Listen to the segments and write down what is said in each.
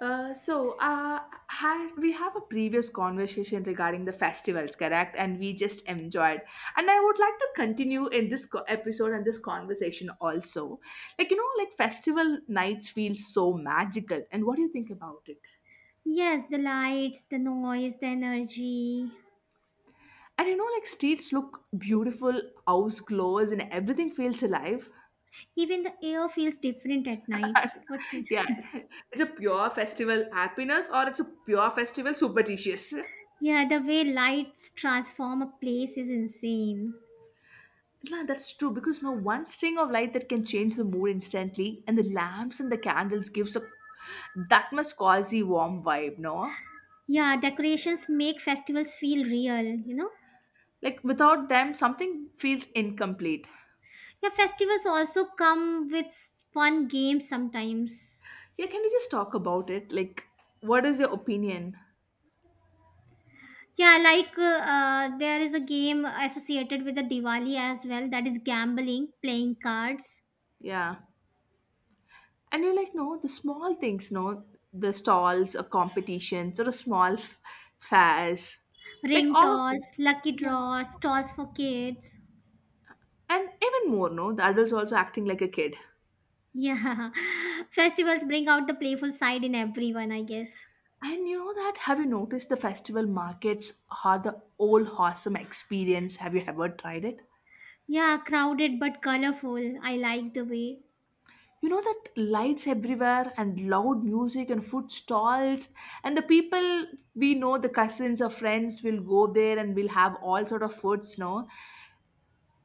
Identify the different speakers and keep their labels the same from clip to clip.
Speaker 1: Uh, so uh, had we have a previous conversation regarding the festivals, correct? And we just enjoyed. And I would like to continue in this episode and this conversation also. Like you know, like festival nights feel so magical. And what do you think about it?
Speaker 2: Yes, the lights, the noise, the energy.
Speaker 1: And you know, like streets look beautiful, house glows, and everything feels alive.
Speaker 2: Even the air feels different at night. What's it?
Speaker 1: yeah, it's a pure festival happiness, or it's a pure festival superstitious.
Speaker 2: Yeah, the way lights transform a place is insane.
Speaker 1: Yeah, that's true because no one string of light that can change the mood instantly, and the lamps and the candles gives a that much cozy, warm vibe, no?
Speaker 2: Yeah, decorations make festivals feel real.
Speaker 1: Like without them, something feels incomplete.
Speaker 2: Yeah, festivals also come with fun games sometimes.
Speaker 1: Yeah, can we just talk about it? Like, what is your opinion?
Speaker 2: Yeah, like there is a game associated with the Diwali as well that is gambling, playing cards,
Speaker 1: Yeah, and you're like, no, the small things, no, the stalls or competitions or a small fairs, like
Speaker 2: ring
Speaker 1: all of
Speaker 2: toss,
Speaker 1: them.
Speaker 2: lucky
Speaker 1: Yeah,
Speaker 2: draws, toss for kids.
Speaker 1: and even more, no, the adults also acting like a kid.
Speaker 2: Yeah, festivals bring out the playful side in everyone, I guess.
Speaker 1: And you know that, have you noticed the festival markets are the old awesome experience? Have you ever tried it?
Speaker 2: Yeah, crowded but colorful. I like the way.
Speaker 1: You know that lights everywhere and loud music and food stalls and the people we know, the cousins or friends will go there and we'll have all sort of foods, no?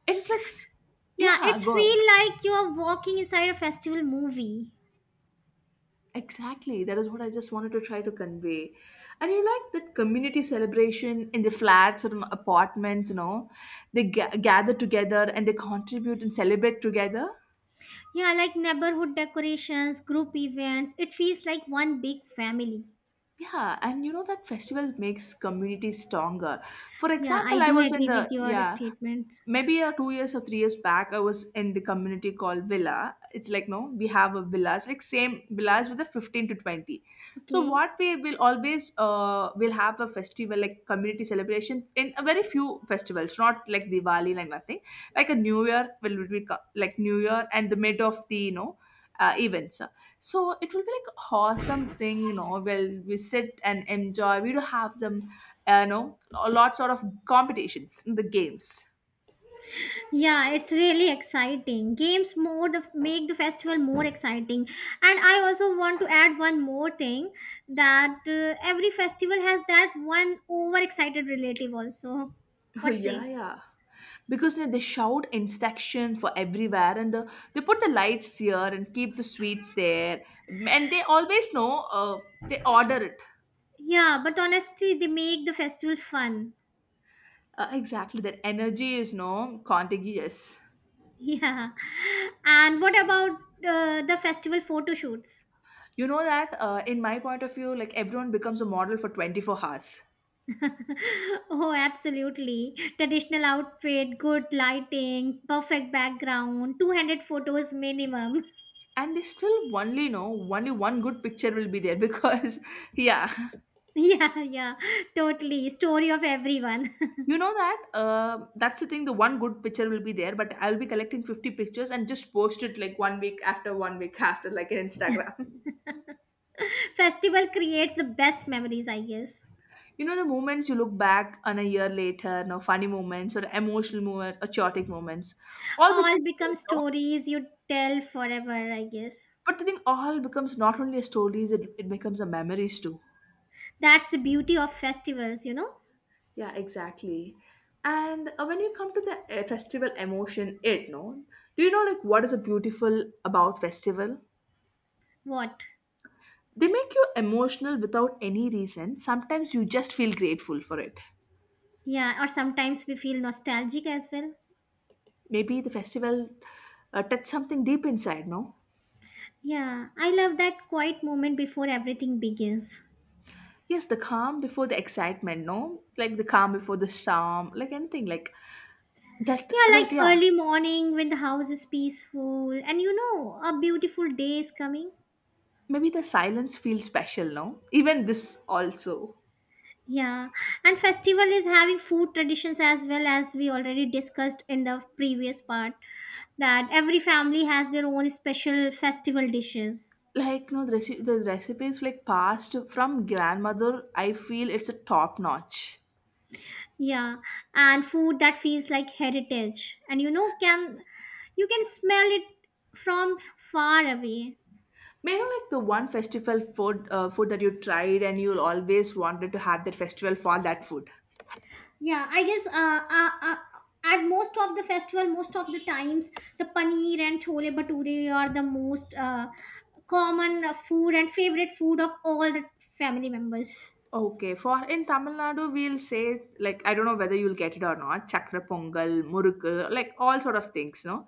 Speaker 1: It's like,
Speaker 2: Yeah,
Speaker 1: yeah,
Speaker 2: it's
Speaker 1: go.
Speaker 2: feel like you are walking inside a festival movie.
Speaker 1: Exactly. That is what I just wanted to try to convey. And you like that community celebration in the flats or in apartments, you know, they gather together and they contribute and celebrate together.
Speaker 2: Yeah, like neighborhood decorations, group events. It feels like one big family.
Speaker 1: Yeah, and you know that festival makes community stronger. For
Speaker 2: Yeah, I
Speaker 1: example, I
Speaker 2: do
Speaker 1: was in
Speaker 2: agree
Speaker 1: the
Speaker 2: with your
Speaker 1: yeah,
Speaker 2: statement.
Speaker 1: maybe 2 years or 3 years back, I was in the community called villa. It's like, no, we have a villas like same villas with a 15 to 20. So
Speaker 2: Okay.
Speaker 1: what we will always will have a festival like community celebration in a very few festivals, not like Diwali, like nothing like a new year will be like new year and the mid of the you know events. So it will be like awesome thing, you know, where we sit and enjoy. We do have them, uh, you know a lot sort of competitions in the games.
Speaker 2: Yeah, it's really exciting. Games more the make the festival more exciting. And I also want to add one more thing that every festival has that one overexcited relative also.
Speaker 1: Oh,
Speaker 2: What
Speaker 1: yeah,
Speaker 2: say?
Speaker 1: yeah. Because you know, they shout instruction for everywhere, and they put the lights here and keep the sweets there, and they always know. They order it.
Speaker 2: Yeah, but honestly, they make the festival fun.
Speaker 1: Exactly. That energy is no contagious.
Speaker 2: Yeah. And what about the festival photo shoots?
Speaker 1: You know that in my point of view, like everyone becomes a model for 24 hours,
Speaker 2: Oh, absolutely. Traditional outfit, good lighting, perfect background, 200 photos minimum.
Speaker 1: and they still only know only one good picture will be there because yeah.
Speaker 2: Yeah, yeah, totally. Story of everyone.
Speaker 1: You know that that's the thing. The one good picture will be there, but I'll be collecting 50 pictures and just post it like 1 week after 1 week after, like in Instagram.
Speaker 2: Festival creates the best memories, I guess.
Speaker 1: You know the moments you look back on a year later, no, funny moments or emotional moments or chaotic moments, all
Speaker 2: All
Speaker 1: becomes
Speaker 2: become
Speaker 1: stories, no?
Speaker 2: stories you tell forever, I guess.
Speaker 1: But the thing all becomes not only stories, it becomes a memories too.
Speaker 2: That's the beauty of festivals, you know?
Speaker 1: Yeah, exactly. And when you come to the festival emotion, it no. Do you know like what is a beautiful about festival?
Speaker 2: What?
Speaker 1: They make you emotional without any reason. Sometimes you just feel grateful for it.
Speaker 2: Yeah, or sometimes we feel nostalgic as well.
Speaker 1: Maybe the festival touched something deep inside, no?
Speaker 2: Yeah, I love that quiet moment before everything begins.
Speaker 1: Yes, the calm before the excitement, no? Like the calm before the storm, like anything like that.
Speaker 2: Yeah,
Speaker 1: That
Speaker 2: like
Speaker 1: yeah,
Speaker 2: early morning when the house is peaceful and you know a beautiful day is coming.
Speaker 1: maybe the silence feels special, no? Even this also.
Speaker 2: Yeah, and festival is having food traditions as well as we already discussed in the previous part that every family has their own special festival dishes.
Speaker 1: Like no, the, the recipes like passed from grandmother. I feel it's a top notch.
Speaker 2: Yeah, and food that feels like heritage. And you know can you can smell it from far away.
Speaker 1: May I know like the one festival food food that you tried and you'll always wanted to have that festival for that food?
Speaker 2: Yeah, I guess at most of the festival, most of the times, the paneer and chole bhature are the most common food and favorite food of all the family members.
Speaker 1: Okay, for in Tamil Nadu we'll say like I don't know whether you'll get it or not, chakra pongal, murukku, like all sort of things, no?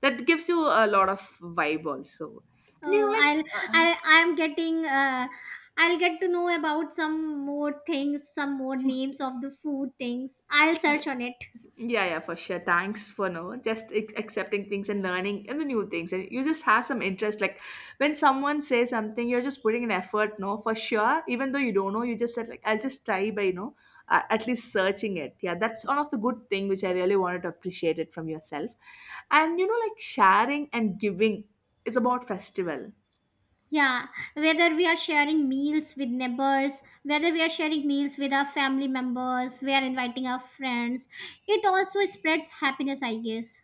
Speaker 1: That gives you a lot of vibe also. And you know
Speaker 2: Oh,
Speaker 1: like
Speaker 2: I'll I'm getting I'll get to know about some more things, some more names of the food things. I'll search on it.
Speaker 1: yeah, yeah, for sure. Thanks for no just accepting things and learning and the new things. And you just have some interest. Like when someone says something, you're just putting an effort. No, for sure. Even though you don't know, you just said like I'll just try by you know at least searching it. Yeah, that's one of the good thing which I really wanted to appreciate it from yourself. And you know, like sharing and giving is about festival.
Speaker 2: Yeah, whether we are sharing meals with neighbors, whether we are sharing meals with our family members, we are inviting our friends, it also spreads happiness, I guess.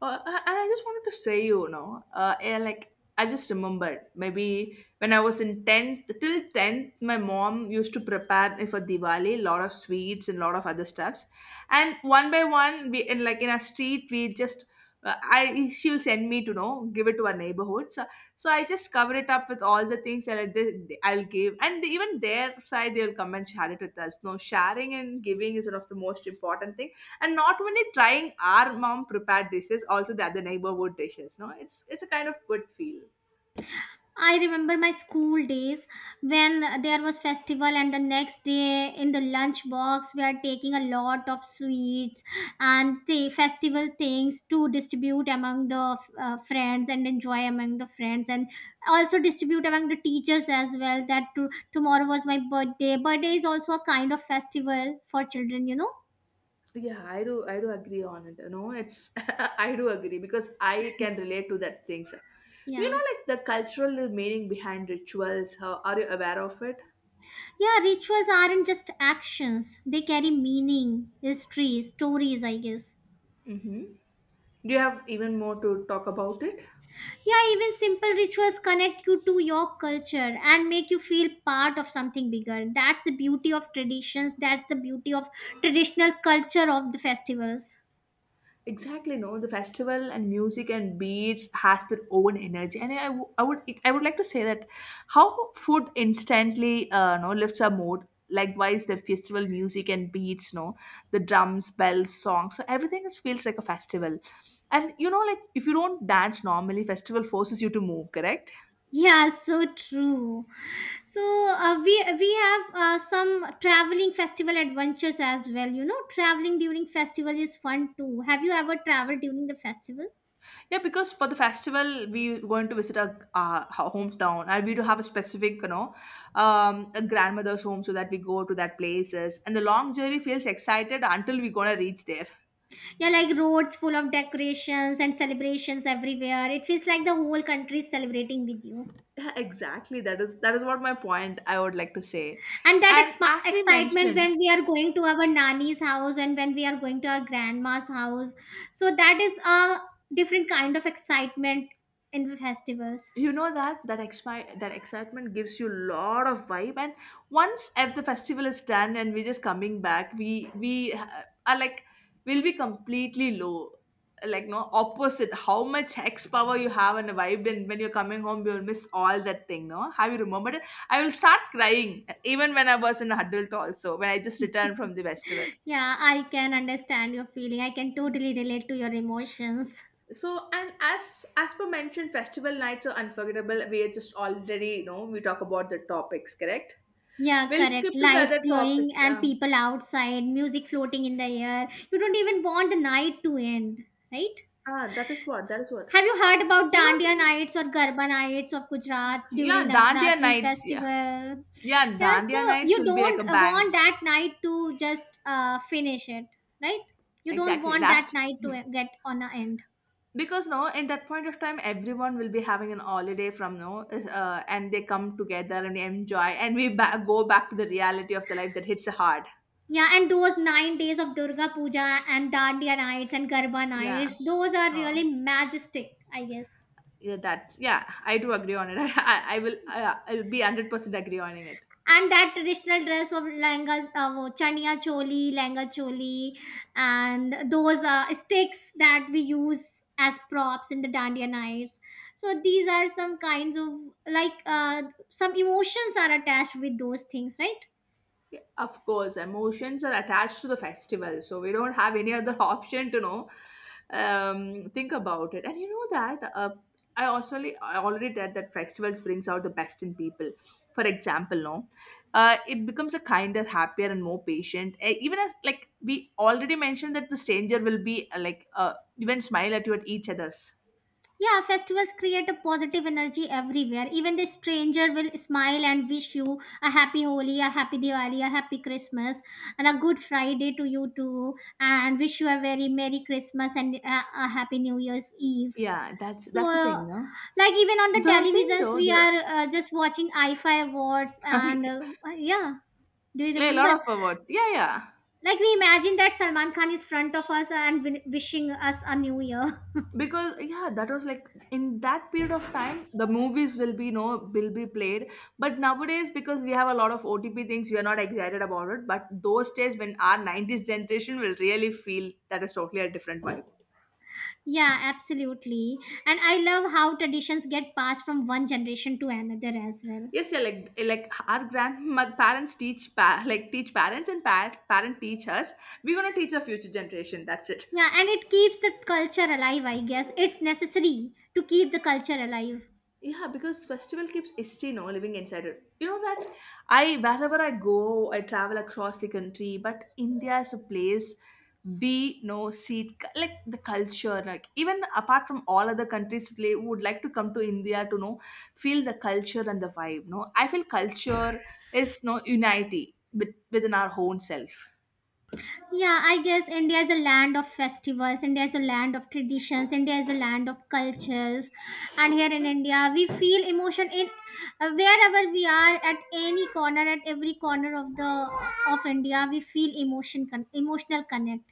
Speaker 1: And I just wanted to say, you know, yeah, like I just remembered maybe when I was in 10th, till 10th, my mom used to prepare me for Diwali, lot of sweets and lot of other stuffs. And one by one, we in like in a street, we just, I she will send me to know, give it to our neighborhood. So, so I just cover it up with all the things that I, they, I'll give. And even their side, they'll come and share it with us. No, sharing and giving is one of the most important things, and not only trying our mom prepared dishes also the other neighborhood dishes, no, it's a kind of good feel.
Speaker 2: I remember my school days when there was festival and the next day in the lunch box we are taking a lot of sweets and the festival things to distribute among the friends and enjoy among the friends and also distribute among the teachers as well that to, tomorrow was my birthday. Birthday is also a kind of festival for children, you know.
Speaker 1: Yeah, I do I do agree on it, you know it's I do agree because I can relate to that things. Do you
Speaker 2: Yeah.
Speaker 1: know like the cultural meaning behind rituals, how are you aware of it?
Speaker 2: Yeah, rituals aren't just actions. They carry meaning, history, stories, I guess.
Speaker 1: Mm-hmm. Do you have even more to talk about it?
Speaker 2: Yeah, even simple rituals connect you to your culture and make you feel part of something bigger. That's the beauty of traditions, that's the beauty of traditional culture of the festivals.
Speaker 1: Exactly, no. The festival and music and beats has their own energy, and I would like to say that how food instantly no lifts our mood. Likewise, the festival music and beats, no, the drums, bells, songs, so everything is, feels like a festival. And you know, like if you don't dance normally, festival forces you to move, correct?
Speaker 2: Yeah, so true. So we have some traveling festival adventures as well. You know, traveling during festival is fun too. Have you ever traveled during the festival?
Speaker 1: Yeah, because for the festival we going to visit our hometown, and we do have a specific, you know, a grandmother's home, so that we go to that places. And the long journey feels excited until we gonna reach there.
Speaker 2: Yeah, like roads full of decorations and celebrations everywhere. It feels like the whole country is celebrating with you.
Speaker 1: Yeah, exactly. That is what my point I would like to say.
Speaker 2: And that
Speaker 1: And as we
Speaker 2: excitement
Speaker 1: mentioned,
Speaker 2: when we are going to our nanny's house and when we are going to our grandma's house, so that is a different kind of excitement in the festivals.
Speaker 1: you know that that excitement gives you a lot of vibe, and once if the festival is done and we're just coming back, we are like we'll be completely low, like no opposite how much x power you have and a vibe, and when you're coming home you'll miss all that thing, no, have you remembered it? I will start crying even when I was an adult also when I just returned from the festival.
Speaker 2: Yeah, I can understand your feeling. I can totally relate to your emotions.
Speaker 1: So, and as per mentioned, festival nights are unforgettable. We are just already, you know, we talk about the topics, correct?
Speaker 2: Yeah,
Speaker 1: We'll skip
Speaker 2: correct.
Speaker 1: to the
Speaker 2: Lights
Speaker 1: other topic.
Speaker 2: glowing and
Speaker 1: Yeah.
Speaker 2: people outside, music floating in the air, you don't even want the night to end, right?
Speaker 1: Ah, that is what. That is what.
Speaker 2: Have you heard about
Speaker 1: Do you know?
Speaker 2: Dandiya nights or Garba nights of Gujarat during
Speaker 1: Yeah, Dandiya
Speaker 2: Natri
Speaker 1: nights. Yeah,
Speaker 2: festival?
Speaker 1: yeah,
Speaker 2: Yeah,
Speaker 1: Dandiya
Speaker 2: so
Speaker 1: nights
Speaker 2: you
Speaker 1: will be like a
Speaker 2: don't
Speaker 1: bang.
Speaker 2: want that night to just finish it, right? You don't
Speaker 1: Exactly.
Speaker 2: want that
Speaker 1: Last.
Speaker 2: night to
Speaker 1: Mhm.
Speaker 2: get on a end.
Speaker 1: Because no, in that point of time, everyone will be having an holiday from no, and they come together and enjoy, and we go back to the reality of the life that hits hard.
Speaker 2: Yeah, and those 9 days of Durga Puja and Dandiya nights and Garba
Speaker 1: Yeah.
Speaker 2: nights, those are
Speaker 1: Oh.
Speaker 2: really majestic, I guess.
Speaker 1: Yeah, that's yeah. I do agree on it. I will. I'll be 100% agree on it.
Speaker 2: And that traditional dress of langa wo chania choli langa choli, and those sticks that we use as props in the dandiya knives, so these are some kinds of like uh, some emotions are attached with those things, right?
Speaker 1: Of course, emotions are attached to the festival, so we don't have any other option to know. Think about it, and you know that I already read that festivals brings out the best in people. For example, no, it becomes a kinder, happier, and more patient. Even as like we already mentioned that the stranger will be like even smile at you at each other's.
Speaker 2: Yeah, festivals create a positive energy everywhere. Even the stranger will smile and wish you a happy Holi, a happy Diwali, a happy Christmas, and a good Friday to you too. And wish you a very Merry Christmas and a Happy New Year's Eve.
Speaker 1: Yeah,
Speaker 2: So,
Speaker 1: that's the thing, no.
Speaker 2: like even on the
Speaker 1: The thing
Speaker 2: televisions,
Speaker 1: though,
Speaker 2: we
Speaker 1: the
Speaker 2: are just watching I F I awards, and yeah, do you
Speaker 1: like, a lot
Speaker 2: remember?
Speaker 1: of awards. Yeah, yeah.
Speaker 2: Like we imagine that Salman Khan is front of us and wishing us a new year.
Speaker 1: Because yeah, that was like in that period of time the movies will be no will be played, but nowadays because we have a lot of otp things we are not excited about it, but those days when our 90s generation will really feel, that is totally a different vibe.
Speaker 2: Yeah, absolutely. And I love how traditions get passed from one generation to another as well.
Speaker 1: Yes, yeah, like our grandparents teach like teach parents, and parent teach us, we're gonna teach our future generation, that's it.
Speaker 2: Yeah, and it keeps the culture alive, I guess. It's necessary to keep the culture alive.
Speaker 1: Yeah, because festival keeps history, no, living inside it. You know that I wherever I go, I travel across the country, but India is a place be no seat like the culture, like even apart from all other countries they would like to come to India to know, feel the culture and the vibe, no, I feel culture is no unity with, within our own self.
Speaker 2: Yeah, I guess India is a land of festivals, India is a land of traditions, India is a land of cultures. And here in India, we feel emotion in wherever we are at any corner, at every corner of the of India, we feel emotion emotional connect.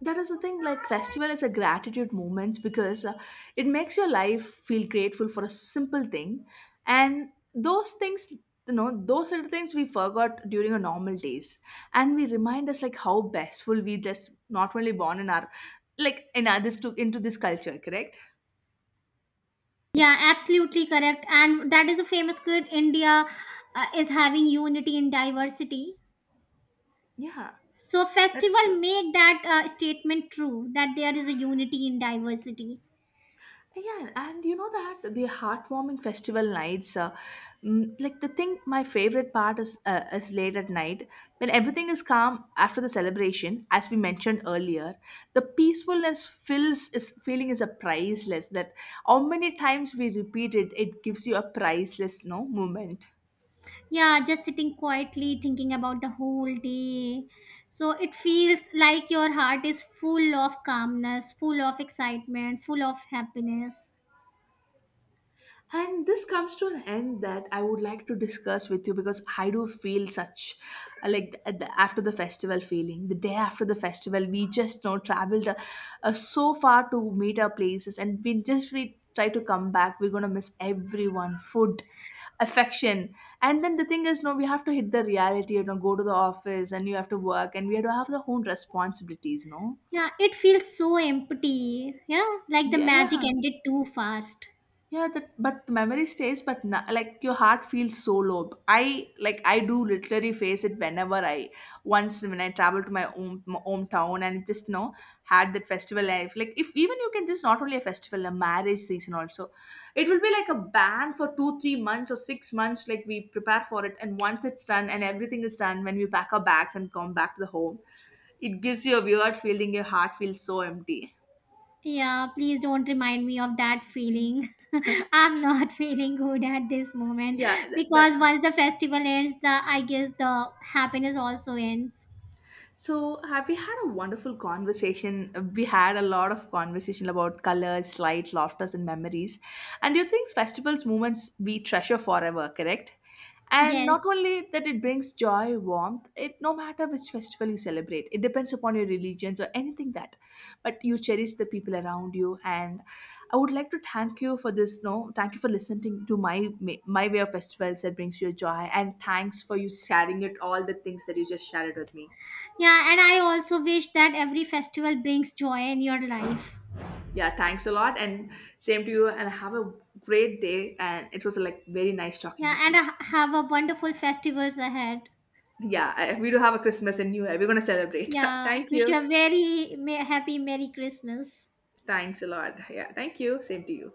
Speaker 1: That is the thing, like festival is a gratitude moment because it makes your life feel grateful for a simple thing, and those things, you know, those little things we forgot during our normal days, and we remind us like how bestful we just not only born in our like in others to into this culture, correct?
Speaker 2: Yeah, absolutely correct. And that is a famous quote, India is having unity in diversity.
Speaker 1: Yeah,
Speaker 2: So
Speaker 1: that's
Speaker 2: festival
Speaker 1: true.
Speaker 2: make that statement true that there is a unity in diversity.
Speaker 1: Yeah, and you know that the heartwarming festival nights, like the thing, my favorite part is late at night when everything is calm after the celebration. As we mentioned earlier, the peacefulness fills is feeling is a priceless. That how many times we repeat it, it gives you a priceless no moment.
Speaker 2: Yeah, just sitting quietly thinking about the whole day. So it feels like your heart is full of calmness, full of excitement, full of happiness.
Speaker 1: And this comes to an end that I would like to discuss with you because I do feel such like at the, after the festival feeling. The day after the festival, we just you know traveled so far to meet our places, and we try to come back. We're gonna miss everyone, food, affection, and then the thing is, no, we have to hit the reality. You know, go to the office, and you have to work, and we have to have the own responsibilities. No,
Speaker 2: Yeah, it feels so empty. Yeah, like the
Speaker 1: yeah,
Speaker 2: magic
Speaker 1: yeah.
Speaker 2: ended too fast.
Speaker 1: Yeah, that but the memory stays, but na like your heart feels so low. I like I do literally face it whenever I once when I travel to my home my hometown and just you know had that festival life. Like if even you can just not only a festival, a marriage season also, it will be like a ban for 2 3 months or 6 months. Like we prepare for it, and once it's done and everything is done, when we pack our bags and come back to the home, it gives you a weird feeling. Your heart feels so empty.
Speaker 2: Yeah, please don't remind me of that
Speaker 1: Mm.
Speaker 2: feeling. I'm not feeling good at this moment
Speaker 1: Yeah, that,
Speaker 2: because once the festival ends, the I guess the happiness also ends.
Speaker 1: so, have we had a wonderful conversation? We had a lot of conversation about colors, light, laughters, and memories. And you think festivals, moments we treasure forever, correct? And not
Speaker 2: Yes.
Speaker 1: only that, it brings joy, warmth. It no matter which festival you celebrate, it depends upon your religions or anything that, but you cherish the people around you. And I would like to thank you for this. No, thank you for listening to my my way of festivals that brings you joy, and thanks for you sharing it all the things that you just shared with me.
Speaker 2: Yeah, and I also wish that every festival brings joy in your life.
Speaker 1: Yeah, thanks a lot. And same to you. And have a great day. And it was like very nice talking
Speaker 2: Yeah,
Speaker 1: with
Speaker 2: and
Speaker 1: you.
Speaker 2: have a wonderful festivals ahead.
Speaker 1: Yeah, we do have a Christmas and New Year. We're going to celebrate.
Speaker 2: Yeah,
Speaker 1: Thank
Speaker 2: wish
Speaker 1: you.
Speaker 2: you a very happy Merry Christmas.
Speaker 1: Thanks a lot. Yeah, thank you. Same to you.